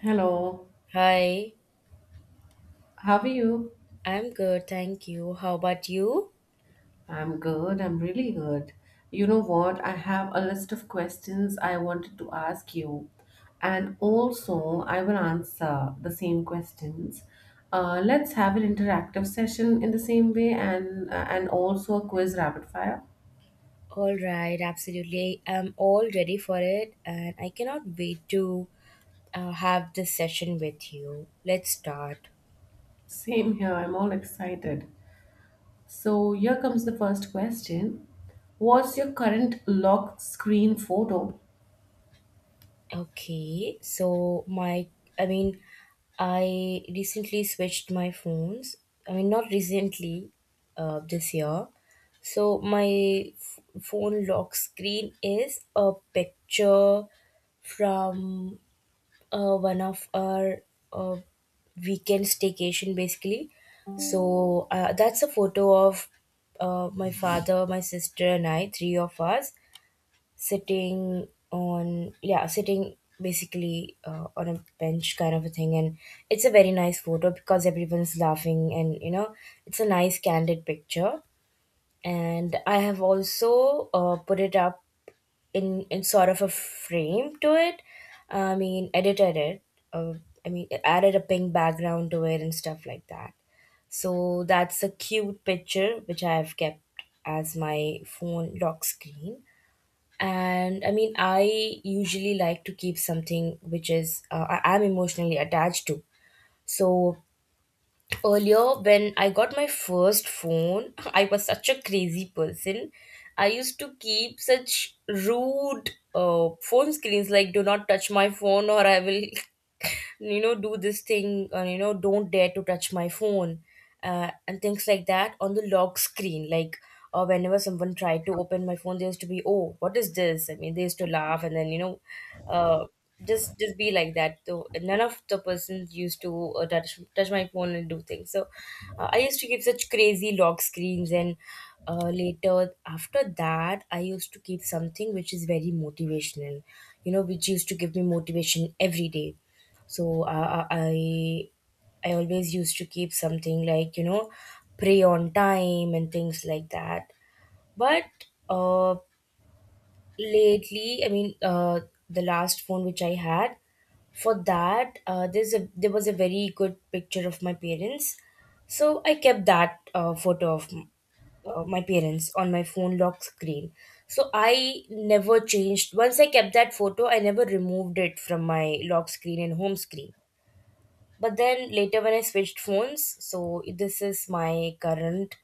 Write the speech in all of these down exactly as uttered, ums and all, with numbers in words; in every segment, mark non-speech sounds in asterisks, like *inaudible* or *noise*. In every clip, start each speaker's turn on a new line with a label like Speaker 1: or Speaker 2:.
Speaker 1: Hello,
Speaker 2: Hi,
Speaker 1: how are you?
Speaker 2: I'm good, thank you. How about you?
Speaker 1: I'm good, I'm really good. You know what? I have a list of questions I wanted to ask you, and also I will answer the same questions. Uh, let's have an interactive session in the same way and uh, and also a quiz rapid fire.
Speaker 2: All right, absolutely. I'm all ready for it, and I cannot wait to uh, have this session with you. Let's start.
Speaker 1: Same here, I'm all excited. So here comes the first question. What's your current lock screen photo?
Speaker 2: Okay, so my, I mean, I recently switched my phones. I mean, not recently, uh, this year. So my f- phone lock screen is a picture from uh, one of our uh, weekend staycation basically. So uh, that's a photo of uh, my father, my sister, and I, three of us, sitting on, yeah, sitting basically uh, on a bench kind of a thing, and it's a very nice photo because everyone's laughing, and you know, it's a nice candid picture. And I have also uh, put it up in in sort of a frame to it. I mean, edited it. Uh, I mean, added a pink background to it and stuff like that. So that's a cute picture which I have kept as my phone lock screen. And I mean, I usually like to keep something which is uh, I- I'm emotionally attached to. So, earlier, when I got my first phone, *laughs* I was such a crazy person. I used to keep such rude uh, phone screens like, do not touch my phone, or I will, *laughs* you know, do this thing, or, you know, don't dare to touch my phone uh, and things like that on the lock screen. Like, uh, whenever someone tried to open my phone, they used to be, "Oh, what is this?" I mean, they used to laugh, and then you know, uh, just just be like that. So none of the persons used to uh, touch touch my phone and do things. So uh, I used to give such crazy lock screens and. Uh, later after that, I used to keep something which is very motivational, you know, which used to give me motivation every day. So uh, i I always used to keep something like, you know, pray on time and things like that. But uh, lately, I mean, uh, the last phone which I had, for that, uh, there's a there was a very good picture of my parents, so I kept that uh, photo of m- uh, my parents on my phone lock screen. So I never changed. Once I kept that photo, I never removed it from my lock screen and home screen, but then later, when I switched phones, so this is my current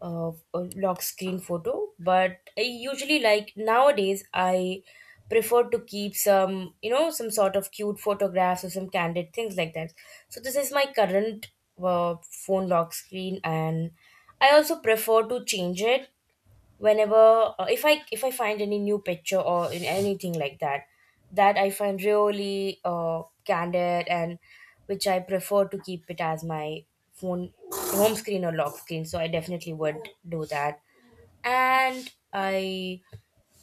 Speaker 2: uh, uh, lock screen photo. But I usually like, nowadays, I prefer to keep some, you know, some sort of cute photographs or some candid things like that. So this is my current uh, phone lock screen, and I also prefer to change it whenever, uh, if i if i find any new picture or in anything like that, that I find really uh, candid and which I prefer to keep it as my phone home screen or lock screen, so I definitely would do that and I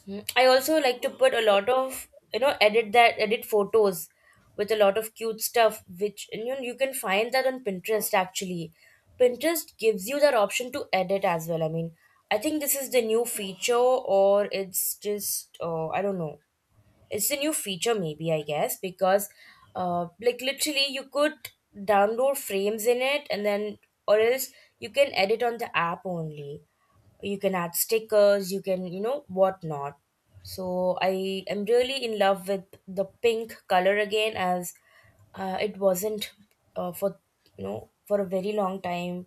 Speaker 2: Mhm. I also like to put a lot of, you know, edit that edit photos with a lot of cute stuff, which and you you can find that on Pinterest actually. Pinterest gives you that option to edit as well. I mean, I think this is the new feature, or it's just, uh, I don't know. It's a new feature, maybe I guess, because, uh, like, literally, you could download frames in it, and then or else you can edit on the app only. You can add stickers, you can, you know, whatnot. So I am really in love with the pink color again as, uh, it wasn't, uh, for, you know, for a very long time,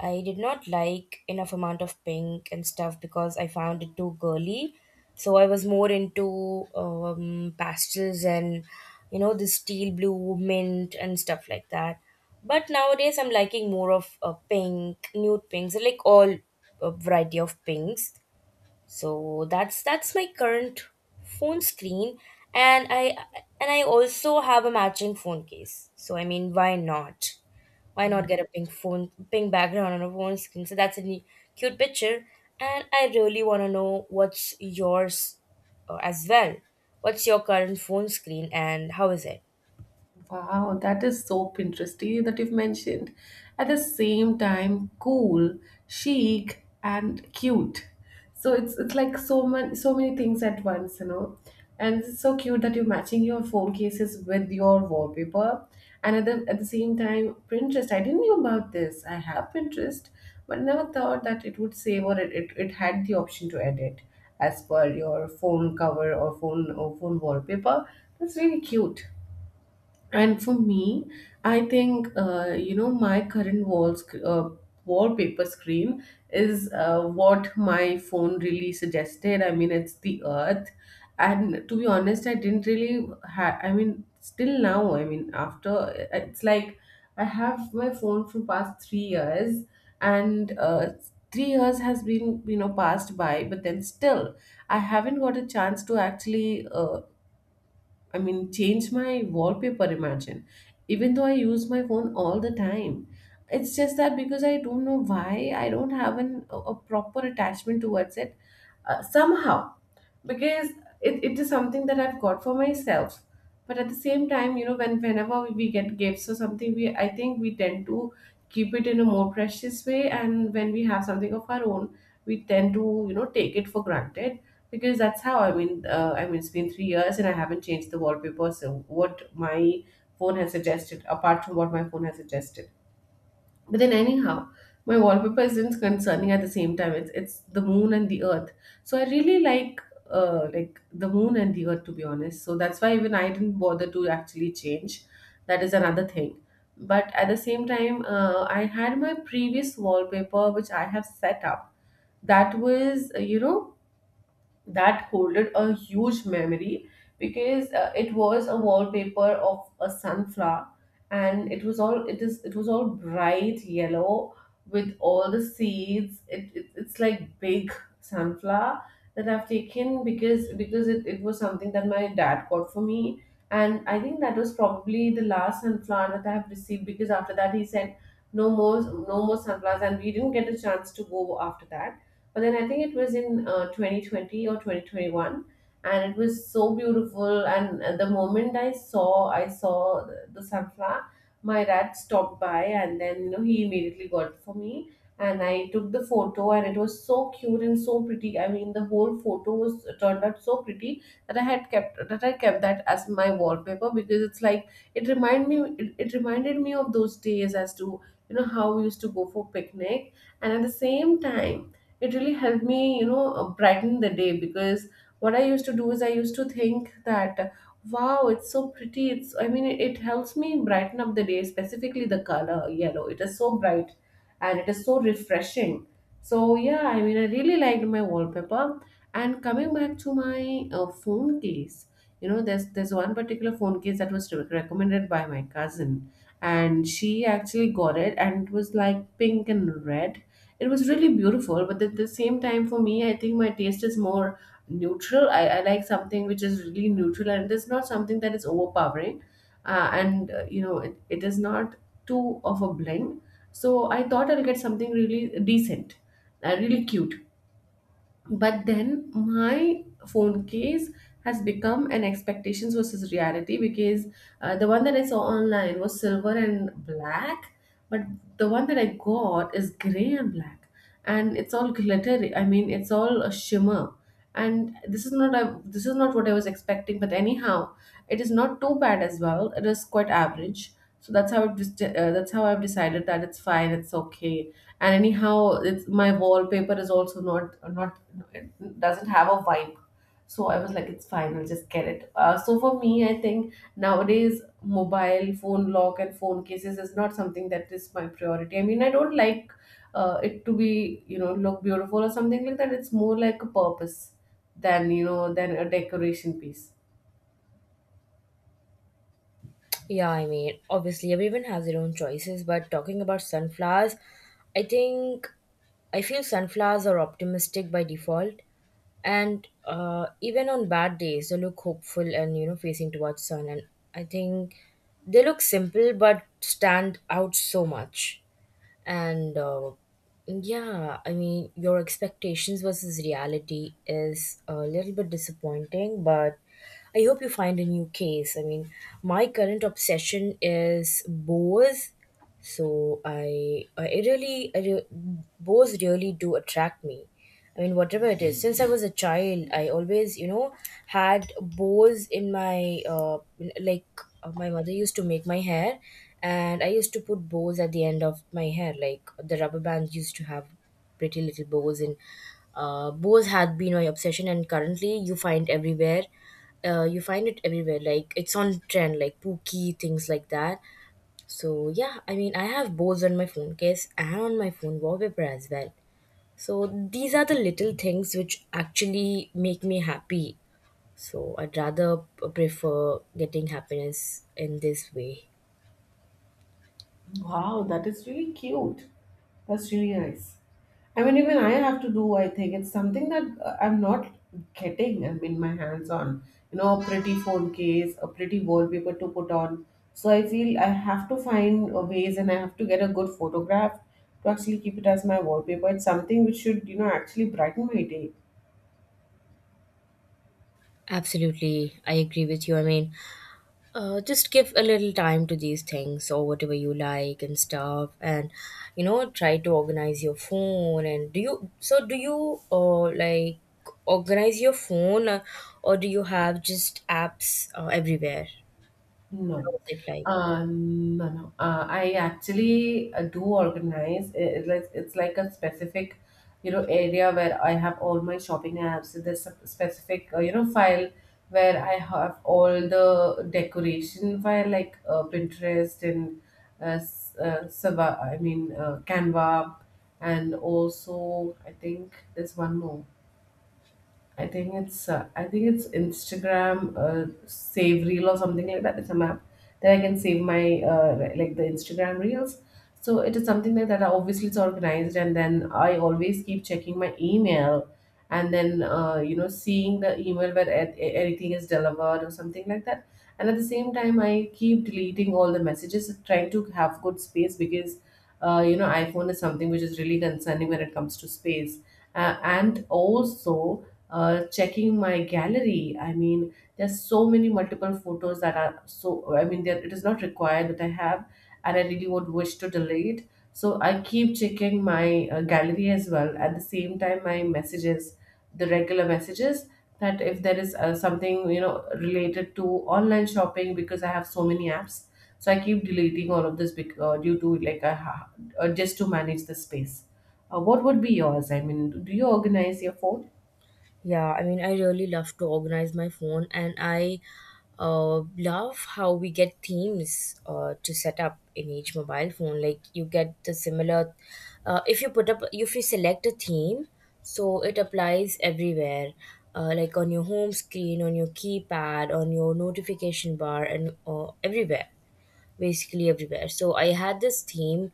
Speaker 2: I did not like enough amount of pink and stuff because I found it too girly. So I was more into um, pastels and, you know, the steel blue mint and stuff like that. But nowadays, I'm liking more of uh, pink, nude pinks, like all uh, variety of pinks. So that's that's my current phone screen, and I and I also have a matching phone case. So I mean, why not? Why not get a pink phone, pink background on a phone screen? So that's a neat, cute picture, and I really want to know what's yours uh, as well. What's your current phone screen, and how is it?
Speaker 1: Wow, that is so Pinteresty that you've mentioned. At the same time, cool, chic, and cute. So it's it's like so many so many things at once, you know. And it's so cute that you're matching your phone cases with your wallpaper. And at the at the same time, Pinterest. I didn't know about this. I have Pinterest, but never thought that it would save or it, it, it had the option to edit as per your phone cover or phone or phone wallpaper. That's really cute. And for me, I think uh, you know my current wall sc- uh, wallpaper screen is uh, what my phone really suggested. I mean, it's the Earth, and to be honest, I didn't really. Ha- I mean, still now, I mean, after uh, it's like I have my phone for past three years, and uh, three years has been, you know, passed by, but then still I haven't got a chance to actually, uh, I mean, change my wallpaper, imagine. Even though I use my phone all the time, it's just that because I don't know why I don't have an, a, a proper attachment towards it uh, somehow. Because it, it is something that I've got for myself. But at the same time, you know, when whenever we get gifts or something, we I think we tend to keep it in a more precious way. And when we have something of our own, we tend to, you know, take it for granted because that's how I mean. Uh, I mean, it's been three years and I haven't changed the wallpaper. So what my phone has suggested, apart from what my phone has suggested. But then anyhow, my wallpaper isn't concerning at the same time. It's it's the moon and the earth. So I really like uh like the moon and the earth, to be honest. So that's why even I didn't bother to actually change. That is another thing. But at the same time, uh, I had my previous wallpaper which I have set up, that was uh, you know, that holded a huge memory because uh, it was a wallpaper of a sunflower, and it was all it is it was all bright yellow with all the seeds. It, it it's like big sunflower that I've taken, because because it, it was something that my dad got for me. And I think that was probably the last sunflower that I have received, because after that he said no more no more sunflowers, and we didn't get a chance to go after that. But then I think it was in uh, twenty twenty or twenty twenty-one, and it was so beautiful. And at the moment I saw, I saw the, the sunflower. My dad stopped by, and then, you know, he immediately got it for me, and I took the photo, and it was so cute and so pretty. I mean, the whole photo was uh, turned out so pretty that I had kept that I kept that as my wallpaper because it's like it reminded me. It, it reminded me of those days as to, you know, how we used to go for picnic. And at the same time, it really helped me, you know, uh, brighten the day. Because what I used to do is I used to think that, uh, wow, it's so pretty. It's I mean, it, it helps me brighten up the day, specifically the color yellow. It is so bright and it is so refreshing. So yeah, I mean, I really liked my wallpaper. And coming back to my uh, phone case, you know, there's there's one particular phone case that was re- recommended by my cousin, and she actually got it, and it was like pink and red. It was really beautiful, but at the same time, for me, I think my taste is more neutral. I, I like something which is really neutral and it is not something that is overpowering. Uh, and, uh, you know, it, it is not too of a blend. So I thought I'll get something really decent, uh, really cute, but then my phone case has become an expectations versus reality because uh, the one that I saw online was silver and black, but the one that I got is gray and black, and it's all glittery. I mean, it's all a shimmer, and this is not a, this is not what I was expecting. But anyhow, it is not too bad as well. It is quite average. So that's how it just uh, that's how I've decided that it's fine, it's okay. And anyhow, it's my wallpaper is also not not, it doesn't have a vibe. So I was like, it's fine, I'll just get it. Uh, so for me, I think nowadays mobile phone lock and phone cases is not something that is my priority. I mean, I don't like uh, it to be, you know, look beautiful or something like that. It's more like a purpose than, you know, than a decoration piece.
Speaker 2: Yeah, I mean, obviously everyone has their own choices, but talking about sunflowers, I think I feel sunflowers are optimistic by default, and, uh, even on bad days, they look hopeful and, you know, facing towards sun. And I think they look simple but stand out so much. And uh, yeah, I mean, your expectations versus reality is a little bit disappointing, but I hope you find a new case. I mean, my current obsession is boas. So i i really, I re- boas really do attract me. I mean, whatever it is, since I was a child, I always, you know, had bows in my, uh, like, uh, my mother used to make my hair, and I used to put bows at the end of my hair. Like, the rubber bands used to have pretty little bows, and, uh, bows had been my obsession, and currently you find everywhere. Uh, you find it everywhere, like it's on trend, like pookie things like that. So yeah, I mean, I have bows on my phone case and on my phone wallpaper as well. So these are the little things which actually make me happy. So I'd rather p- prefer getting happiness in this way.
Speaker 1: Wow, that is really cute. That's really nice. I mean, even I have to do, I think it's something that uh, I'm not getting, I mean, my hands on. You know, a pretty phone case, a pretty wallpaper to put on. So I feel I have to find uh, ways, and I have to get a good photograph to actually keep it as my wallpaper. It's something which should, you know, actually brighten my day.
Speaker 2: Absolutely, I agree with you. I mean, uh, just give a little time to these things or whatever you like and stuff, and you know, try to organize your phone. And do you so do you, uh, like, organize your phone, uh, or do you have just apps uh, everywhere?
Speaker 1: No.
Speaker 2: How is it like?
Speaker 1: Uh, no, no. Uh, I actually uh, do organize. I- It's like it's like a specific, you know, area where I have all my shopping apps. There's a specific, uh, you know, file where I have all the decoration file like uh, Pinterest and uh, S- uh, Sava, I mean uh, Canva, and also I think there's one more. I think it's uh, I think it's Instagram uh, save reel or something like that. It's a map that I can save my uh, li- like the Instagram reels. So it is something like that. Obviously, it's organized, and then I always keep checking my email, and then uh, you know, seeing the email where a- a- anything is delivered or something like that. And at the same time, I keep deleting all the messages, trying to have good space because uh, you know, iPhone is something which is really concerning when it comes to space, uh, and also uh, checking my gallery. I mean, there's so many multiple photos that are so, I mean, there it is not required that I have, and I really would wish to delete. So I keep checking my uh, gallery as well. At the same time, my messages, the regular messages, that if there is uh, something, you know, related to online shopping, because I have so many apps. So I keep deleting all of this bec- uh, due to like I ha- uh, just to manage the space. Uh, what would be yours? I mean, do you organize your phone?
Speaker 2: Yeah, I mean, I really love to organize my phone, and I uh, love how we get themes uh, to set up in each mobile phone. Like you get the similar, uh, if you put up, if you select a theme, so it applies everywhere, uh, like on your home screen, on your keypad, on your notification bar, and, uh, everywhere, basically everywhere. So I had this theme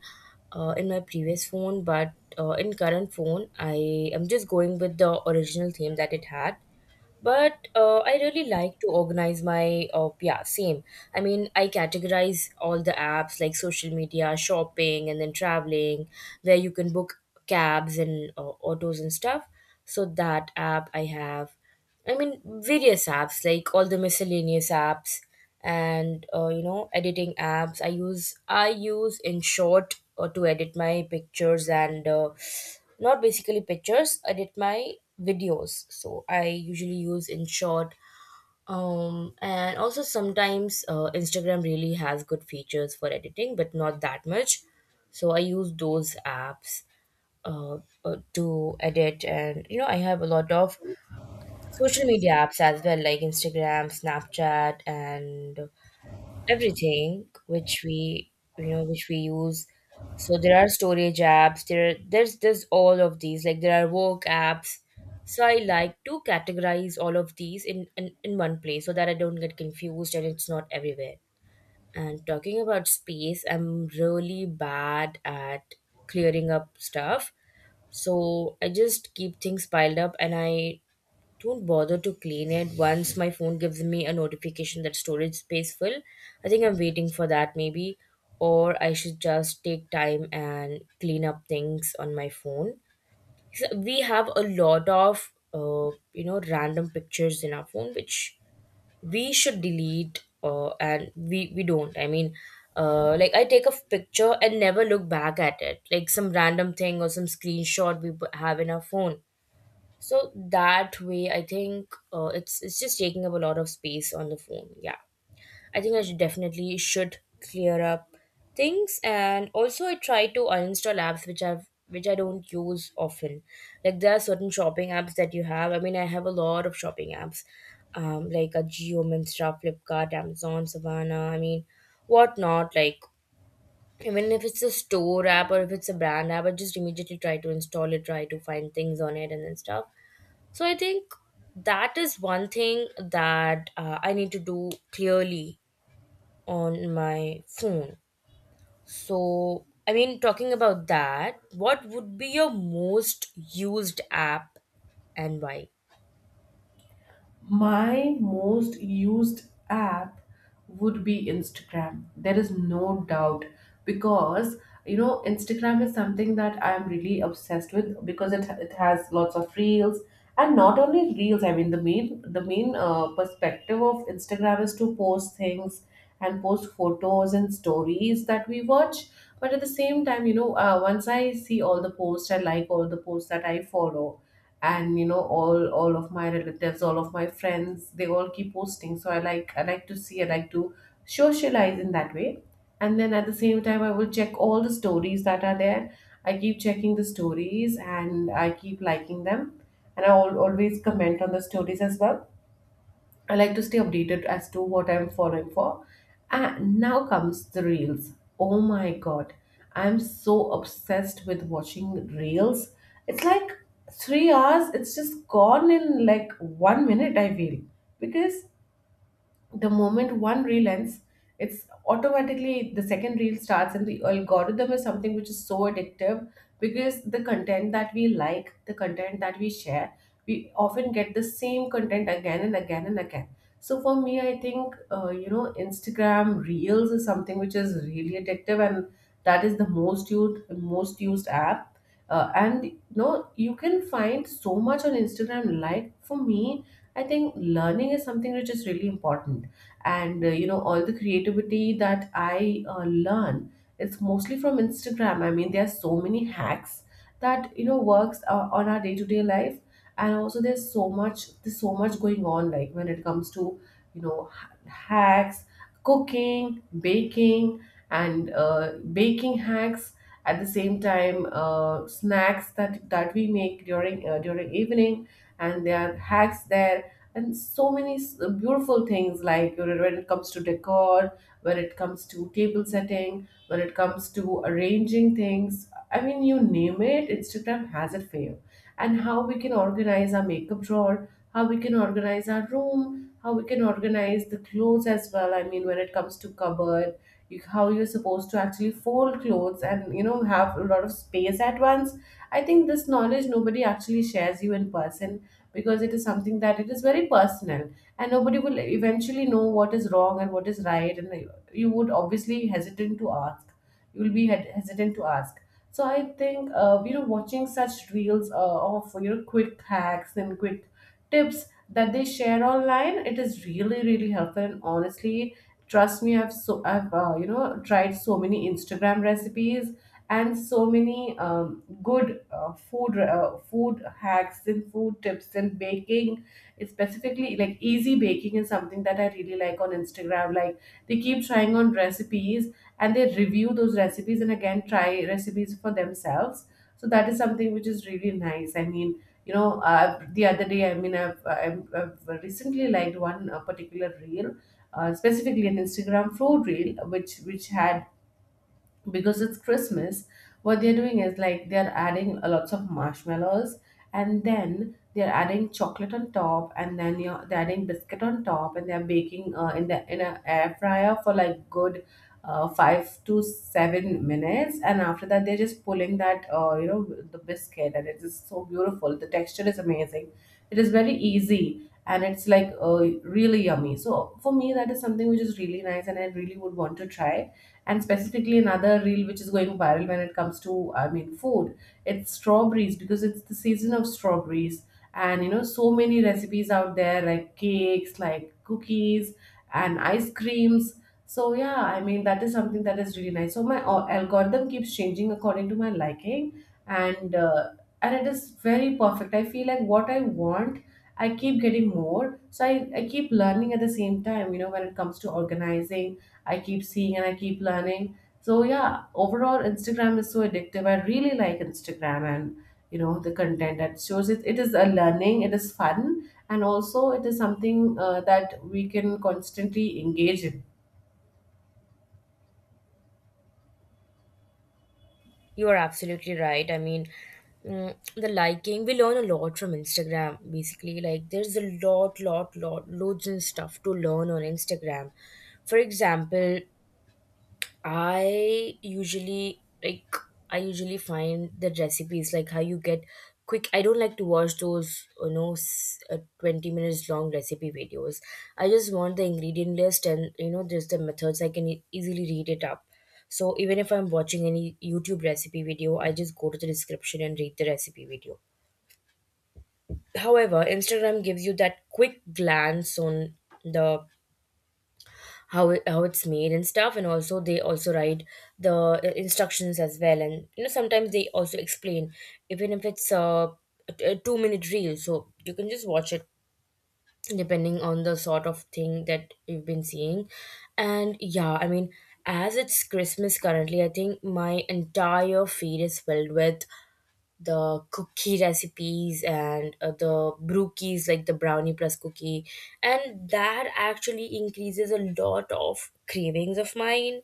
Speaker 2: uh, in my previous phone, but uh, in current phone, I am just going with the original theme that it had. But uh, I really like to organize my, uh, yeah, same. I mean, I categorize all the apps like social media, shopping, and then traveling, where you can book cabs and, uh, autos and stuff. So that app I have. I mean, various apps like all the miscellaneous apps and, uh, you know, editing apps. I use i use InShot uh, to edit my pictures and, uh, not basically pictures, edit my videos. So I usually use InShot. Um and also sometimes, uh, Instagram really has good features for editing but not that much. So I use those apps uh, uh, to edit. And you know, I have a lot of social media apps as well, like Instagram, Snapchat, and everything which we, you know, which we use. So there are storage apps, there there's there's all of these, like there are work apps. So I like to categorize all of these in in, in one place so that I don't get confused and it's not everywhere. And talking about space, I'm really bad at clearing up stuff. So I just keep things piled up and I don't bother to clean it. Once my phone gives me a notification that storage space full, I think I'm waiting for that maybe, or I should just take time and clean up things on my phone. So we have a lot of uh, you know, random pictures in our phone, which we should delete, uh, and we we don't. I mean. Uh, like, I take a picture and never look back at it. Like some random thing or some screenshot we have in our phone, so that way, I think uh, it's it's just taking up a lot of space on the phone. Yeah, I think I should definitely should clear up things, and also I try to uninstall apps which I've which I don't use often. Like there are certain shopping apps that you have. I mean, I have a lot of shopping apps, um, like a Geo, Minstra, Flipkart, Amazon, Savannah. I mean, whatnot. Like, even if it's a store app or if it's a brand app, I just immediately try to install it, try to find things on it, and then stuff. So I think that is one thing that uh, I need to do clearly on my phone. So, I mean, talking about that, what would be your most used app and why?
Speaker 1: My most used app would be Instagram. There is no doubt because, you know, Instagram is something that I am really obsessed with because it it has lots of reels, and not only reels. I mean the main the main uh, perspective of Instagram is to post things and post photos and stories that we watch. But at the same time, you know, uh, once I see all the posts, I like all the posts that I follow, and you know, all all of my relatives, all of my friends, they all keep posting. So i like I like to see, I like to socialize in that way. And then at the same time, I will check all the stories that are there. I keep checking the stories and I keep liking them, and i al- always comment on the stories as well. I like to stay updated as to what I'm following for. And now comes the reels. Oh my god, I'm so obsessed with watching reels. It's like three hours, it's just gone in like one minute, I feel. Because the moment one reel ends, it's automatically the second reel starts, and the algorithm is something which is so addictive because the content that we like, the content that we share, we often get the same content again and again and again. So for me, I think uh, you know, Instagram Reels is something which is really addictive, and that is the most used most used app. Uh, and you know you can find so much on Instagram. Like for me, I think learning is something which is really important and uh, you know all the creativity that i uh, learn, it's mostly from Instagram. I mean there are so many hacks that you know works uh, on our day-to-day life, and also there's so much there's so much going on. Like when it comes to you know ha- hacks, cooking, baking, and uh, baking hacks, at the same time uh, snacks that that we make during uh, during evening, and there are hacks there, and so many s- uh, beautiful things like you know, when it comes to decor, when it comes to table setting, when it comes to arranging things. I mean you name it, Instagram has it for you. And how we can organize our makeup drawer, how we can organize our room, how we can organize the clothes as well. I mean when it comes to cupboard, you, how you're supposed to actually fold clothes and you know have a lot of space at once. I think this knowledge nobody actually shares you in person, because it is something that it is very personal, and nobody will eventually know what is wrong and what is right, and you would obviously hesitant to ask, you will be hed- hesitant to ask. So I think uh, you know watching such reels uh, of you know quick hacks and quick tips that they share online, it is really really helpful. And honestly, trust me, I've so I've uh, you know tried so many Instagram recipes and so many um, good uh, food uh, food hacks and food tips and baking, specifically like easy baking is something that I really like on Instagram. Like they keep trying on recipes, and they review those recipes and again try recipes for themselves. So that is something which is really nice. I mean, you know, uh, the other day, I mean, I've, I've, I've recently liked one uh, particular reel, uh, specifically an Instagram food reel, which which had, because it's Christmas, what they're doing is like they're adding a lots of marshmallows, and then they're adding chocolate on top, and then you're, they're adding biscuit on top, and they're baking uh, in the in a air fryer for like good uh, five to seven minutes, and after that they're just pulling that uh, you know the biscuit, and it is so beautiful, the texture is amazing. It is very easy and it's like uh, really yummy. So for me that is something which is really nice and I really would want to try. And specifically, another reel which is going viral when it comes to, I mean, food, it's strawberries because it's the season of strawberries. And you know, so many recipes out there like cakes, like cookies, and ice creams. So, yeah, I mean, that is something that is really nice. So, my al- algorithm keeps changing according to my liking, and uh, and it is very perfect. I feel like what I want I keep getting more. So I, I keep learning at the same time, you know, when it comes to organizing, I keep seeing and I keep learning. So yeah, overall Instagram is so addictive. I really like Instagram, and you know the content that shows it. It is a learning. It is fun, and also it is something uh, that we can constantly engage in.
Speaker 2: You are absolutely right. I mean, mm, the liking, we learn a lot from Instagram, basically. Like, there's a lot, lot, lot, loads and stuff to learn on Instagram. For example, I usually like I usually find the recipes like how you get quick. I don't like to watch those you know s- uh, twenty minutes long recipe videos. I just want the ingredient list and you know just the methods I can e- easily read it up. So even if I'm watching any YouTube recipe video, I just go to the description and read the recipe video. However, Instagram gives you that quick glance on the how it, how it's made and stuff, and also they also write the uh, instructions as well. And you know sometimes they also explain, even if it's uh, a, t- a two minute reel, so you can just watch it depending on the sort of thing that you've been seeing. And yeah, i mean as it's Christmas currently, I think my entire feed is filled with the cookie recipes and uh, the brookies, like the brownie plus cookie. And that actually increases a lot of cravings of mine.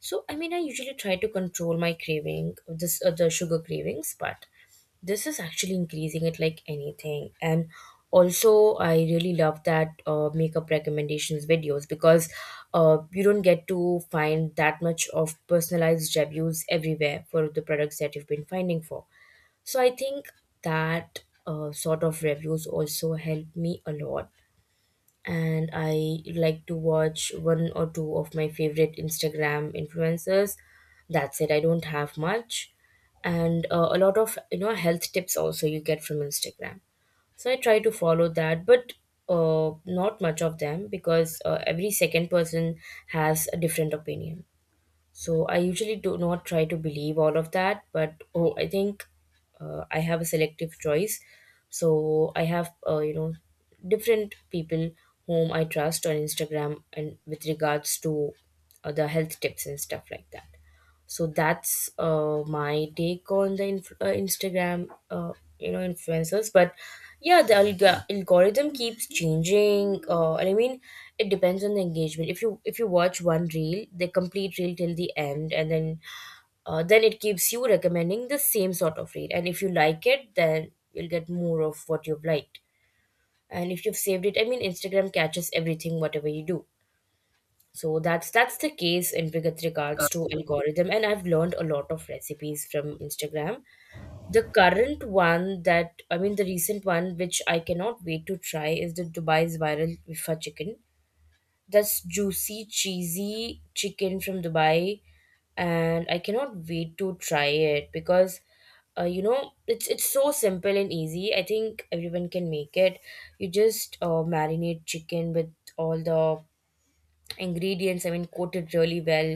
Speaker 2: So I mean, I usually try to control my craving this uh, the sugar cravings, but this is actually increasing it like anything. And also I really love that uh, makeup recommendations videos, because uh, you don't get to find that much of personalized reviews everywhere for the products that you've been finding for. So I think that uh, sort of reviews also help me a lot. And I like to watch one or two of my favorite Instagram influencers. That's it. I don't have much, and uh, a lot of you know health tips also you get from Instagram. So I try to follow that, but uh, not much of them, because uh, every second person has a different opinion. So I usually do not try to believe all of that, but oh, I think uh, I have a selective choice. So I have, uh, you know, different people whom I trust on Instagram, and with regards to uh, the health tips and stuff like that. So that's uh, my take on the inf- uh, Instagram uh, you know influencers. But yeah, the alg- algorithm keeps changing. Uh, i mean it depends on the engagement. If you if you watch one reel, the complete reel till the end, and then uh, then it keeps you recommending the same sort of reel, and if you like it, then you'll get more of what you've liked. And if you've saved it, I mean, Instagram catches everything whatever you do. So that's that's the case in with regards to algorithm, and I've learned a lot of recipes from Instagram. The current one that I mean, the recent one, which I cannot wait to try, is the Dubai's viral wifa chicken. That's juicy, cheesy chicken from Dubai, and I cannot wait to try it, because uh, you know it's it's so simple and easy. I think everyone can make it. You just uh, marinate chicken with all the ingredients, I mean, coat it really well,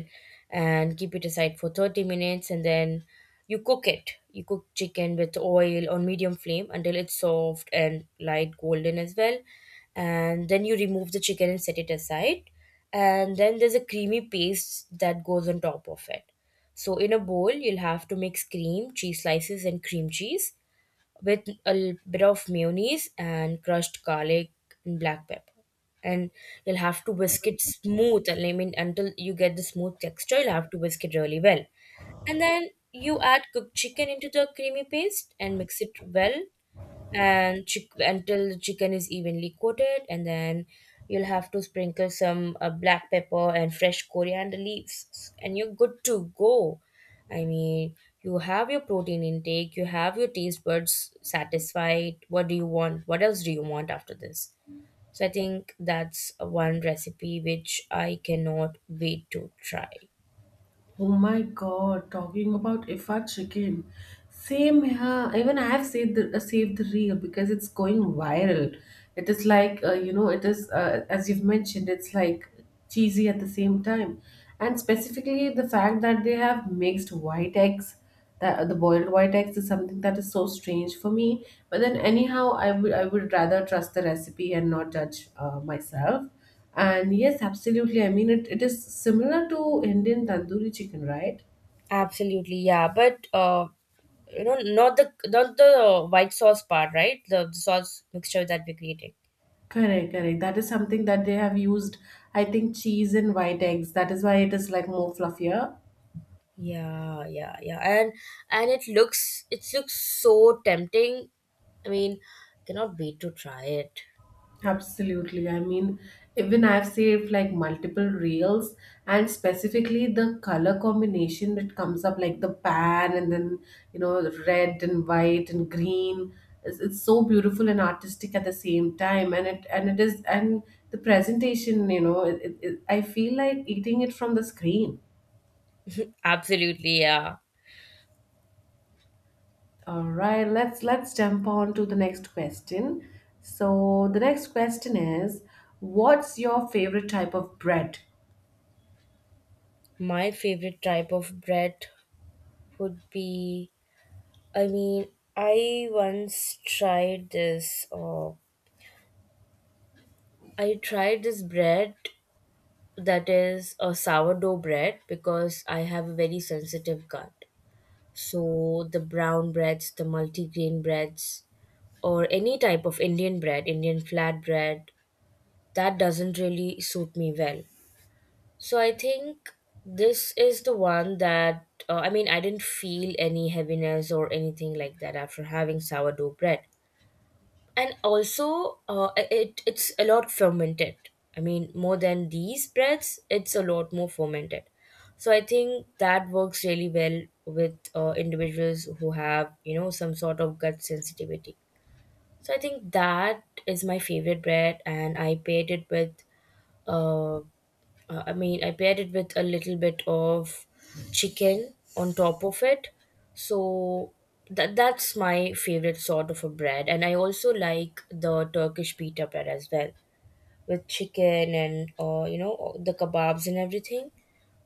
Speaker 2: and keep it aside for thirty minutes. And then you cook it you cook chicken with oil on medium flame until it's soft and light golden as well. And then you remove the chicken and set it aside. And then there's a creamy paste that goes on top of it. So in a bowl, you'll have to mix cream cheese slices and cream cheese with a l- bit of mayonnaise and crushed garlic and black pepper. And you'll have to whisk it smooth. I mean, until you get the smooth texture, you'll have to whisk it really well. And then you add cooked chicken into the creamy paste and mix it well, and chick- until the chicken is evenly coated. And then you'll have to sprinkle some uh, black pepper and fresh coriander leaves, and you're good to go. I mean, you have your protein intake, you have your taste buds satisfied. What do you want, what else do you want after this? So I think that's one recipe which I cannot wait to try.
Speaker 1: Oh my god, talking about Ifa chicken. Same here. Even I have saved the uh, saved the reel because it's going viral. It is like uh, you know, it is uh, as you've mentioned, it's like cheesy at the same time, and specifically the fact that they have mixed white eggs, that the boiled white eggs is something that is so strange for me, but then anyhow i would i would rather trust the recipe and not judge uh, myself. And yes, absolutely. I mean it, it is similar to Indian tandoori chicken, right?
Speaker 2: Absolutely, yeah. But uh, you know not the not the white sauce part, right? The, the sauce mixture that we're creating.
Speaker 1: Correct, correct, that is something that they have used. I think cheese and white eggs, that is why it is like more fluffier.
Speaker 2: Yeah yeah yeah And and it looks, it looks so tempting. I mean, cannot wait to try it.
Speaker 1: Absolutely. I mean, even I've saved like multiple reels, and specifically the color combination that comes up like the pan and then, you know, the red and white and green. It's, it's so beautiful and artistic at the same time. And it, and it is, and the presentation, you know, it, it, it, I feel like eating it from the screen.
Speaker 2: Absolutely, yeah.
Speaker 1: All right, let's let's jump on to the next question. So the next question is, what's your favorite type of bread?
Speaker 2: My favorite type of bread would be, I mean, i once tried this oh, I tried this bread that is a sourdough bread, because I have a very sensitive gut. So the brown breads, the multigrain breads, or any type of Indian bread, Indian flatbread, that doesn't really suit me well. So I think this is the one that uh, I mean, I didn't feel any heaviness or anything like that after having sourdough bread. And also uh, it it's a lot fermented, I mean, more than these breads, it's a lot more fermented. So I think that works really well with uh, individuals who have you know some sort of gut sensitivity. So I think that is my favorite bread, and I paired it with uh, uh, I mean, I paired it with a little bit of chicken on top of it. So that that's my favorite sort of a bread. And I also like the Turkish pita bread as well, with chicken and uh, you know the kebabs and everything.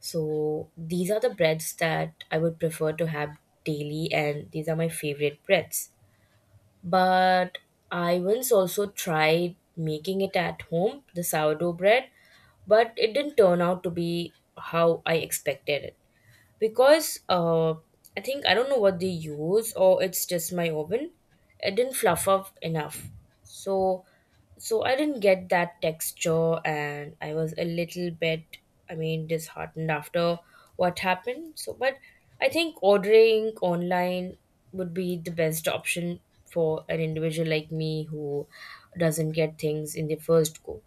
Speaker 2: So these are the breads that I would prefer to have daily, and these are my favorite breads. But I once also tried making it at home, the sourdough bread, but it didn't turn out to be how I expected it, because uh, I think I don't know what they use, or it's just my oven. It didn't fluff up enough, so so I didn't get that texture, and I was a little bit, I mean, disheartened after what happened. So, but I think ordering online would be the best option for an individual like me who doesn't get things in the first go.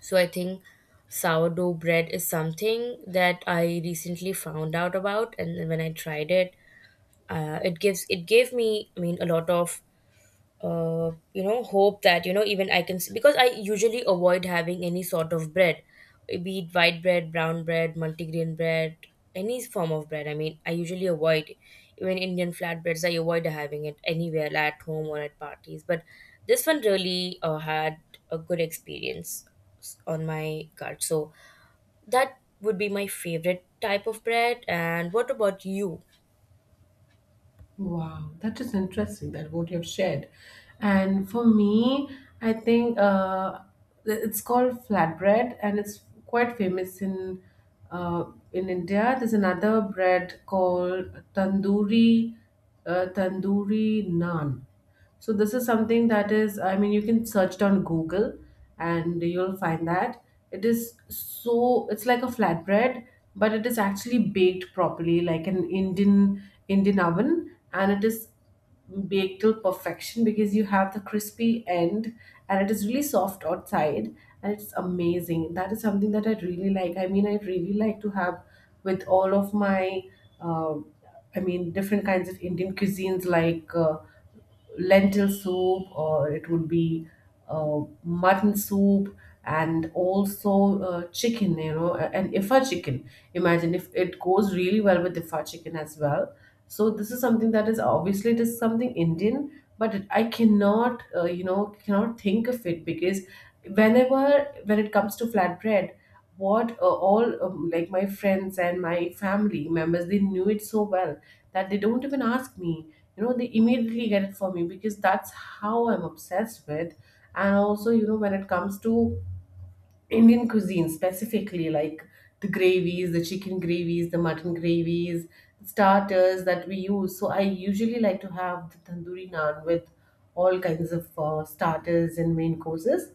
Speaker 2: So I think sourdough bread is something that I recently found out about, and when I tried it, uh, it gives it gave me, I mean, a lot of uh, you know hope that you know even I can. Because I usually avoid having any sort of bread, be it white bread, brown bread, multigrain bread, any form of bread, I mean, I usually avoid. Even Indian flatbreads, I avoid having it anywhere, like at home or at parties. But this one really uh, had a good experience s- on my card. So that would be my favorite type of bread. And what about you?
Speaker 1: Wow, that is interesting that what you have shared. And for me, I think uh, it's called flatbread and it's quite famous in uh, in India. There's another bread called tandoori uh, tandoori naan. So this is something that is, I mean, you can search it on Google and you'll find that it is so, it's like a flatbread, but it is actually baked properly, like an Indian Indian oven, and it is baked till perfection because you have the crispy end, and it is really soft outside, and it's amazing. That is something that I really like. I mean, I really like to have with all of my, uh, I mean, different kinds of Indian cuisines like. Uh, lentil soup, or it would be uh, mutton soup, and also uh, chicken you know and Ifa chicken. Imagine if it goes really well with Ifa chicken as well. So this is something that is obviously it is something Indian, but it- I cannot uh, you know cannot think of it because whenever when it comes to flatbread, what uh, all um, like my friends and my family members, they knew it so well that they don't even ask me, you know, they immediately get it for me because that's how I'm obsessed with. And also you know when it comes to Indian cuisine specifically, like the gravies, the chicken gravies, the mutton gravies, the starters that we use, so I usually like to have the tandoori naan with all kinds of uh, starters and main courses,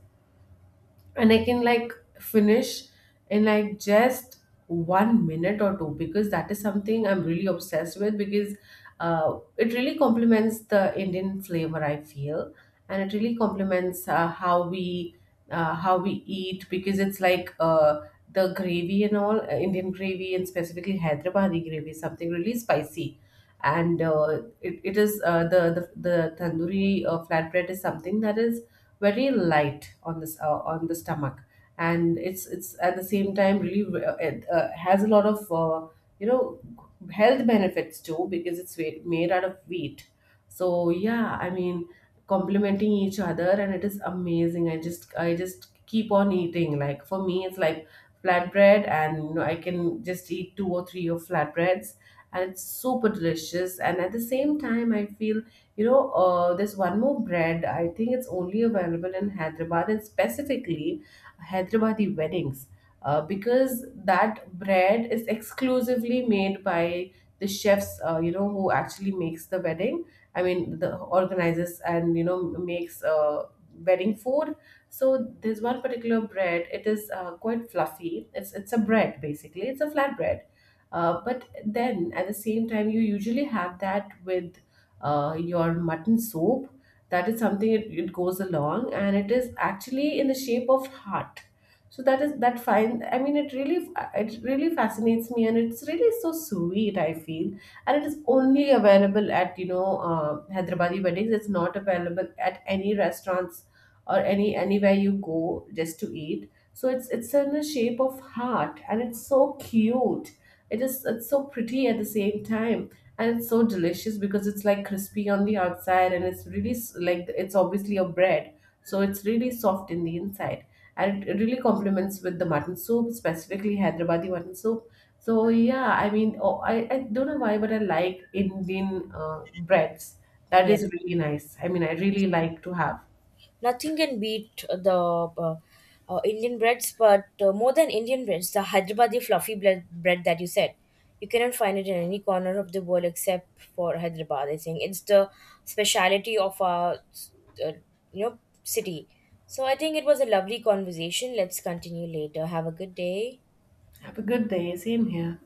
Speaker 1: and I can like finish in like just one minute or two, because that is something I'm really obsessed with. Because uh, it really complements the Indian flavor I feel, and it really complements uh, how we uh, how we eat, because it's like uh, the gravy and all uh, Indian gravy, and specifically Hyderabadi gravy is something really spicy, and uh, it, it is uh, the, the the tandoori uh, flatbread is something that is very light on this uh, on the stomach, and it's it's at the same time really uh, it uh, has a lot of uh, you know health benefits too because it's wa- made out of wheat. So yeah I mean, complementing each other, and it is amazing. I just i just keep on eating. Like for me it's like flatbread, and you know I can just eat two or three of flatbreads, and it's super delicious, and at the same time I feel, you know, uh, there's one more bread. I think it's only available in Hyderabad and specifically Hyderabadi weddings, uh, because that bread is exclusively made by the chefs. Uh, you know, who actually makes the wedding. I mean, the organizers, and you know makes uh, wedding food. So there's one particular bread. It is uh, quite fluffy. It's it's a bread basically. It's a flat bread. Uh, but then at the same time, you usually have that with uh, your mutton soup. That is something it, it goes along, and it is actually in the shape of heart. So that is that fine. I mean, it really it really fascinates me, and it's really so sweet I feel, and it is only available at you know uh, Hyderabadi weddings. It's not available at any restaurants or any anywhere you go just to eat. So it's it's in the shape of heart and it's so cute. It is it's so pretty at the same time, and it's so delicious because it's like crispy on the outside, and it's really s- like it's obviously a bread. So it's really soft in the inside, and it it really complements with the mutton soup, specifically Hyderabadi mutton soup. So yeah, I mean, oh, I, I don't know why, but I like Indian uh, breads. That
Speaker 2: Yeah.
Speaker 1: is really nice. I mean, I really like to have.
Speaker 2: Nothing can beat the uh, uh, Indian breads. But uh, more than Indian breads, the Hyderabadi fluffy bread, bread that you said. You cannot find it in any corner of the world except for Hyderabad. I think it's the speciality of our, uh, you know, city. So I think it was a lovely conversation. Let's continue later. Have a good day.
Speaker 1: Have a good day. Same here.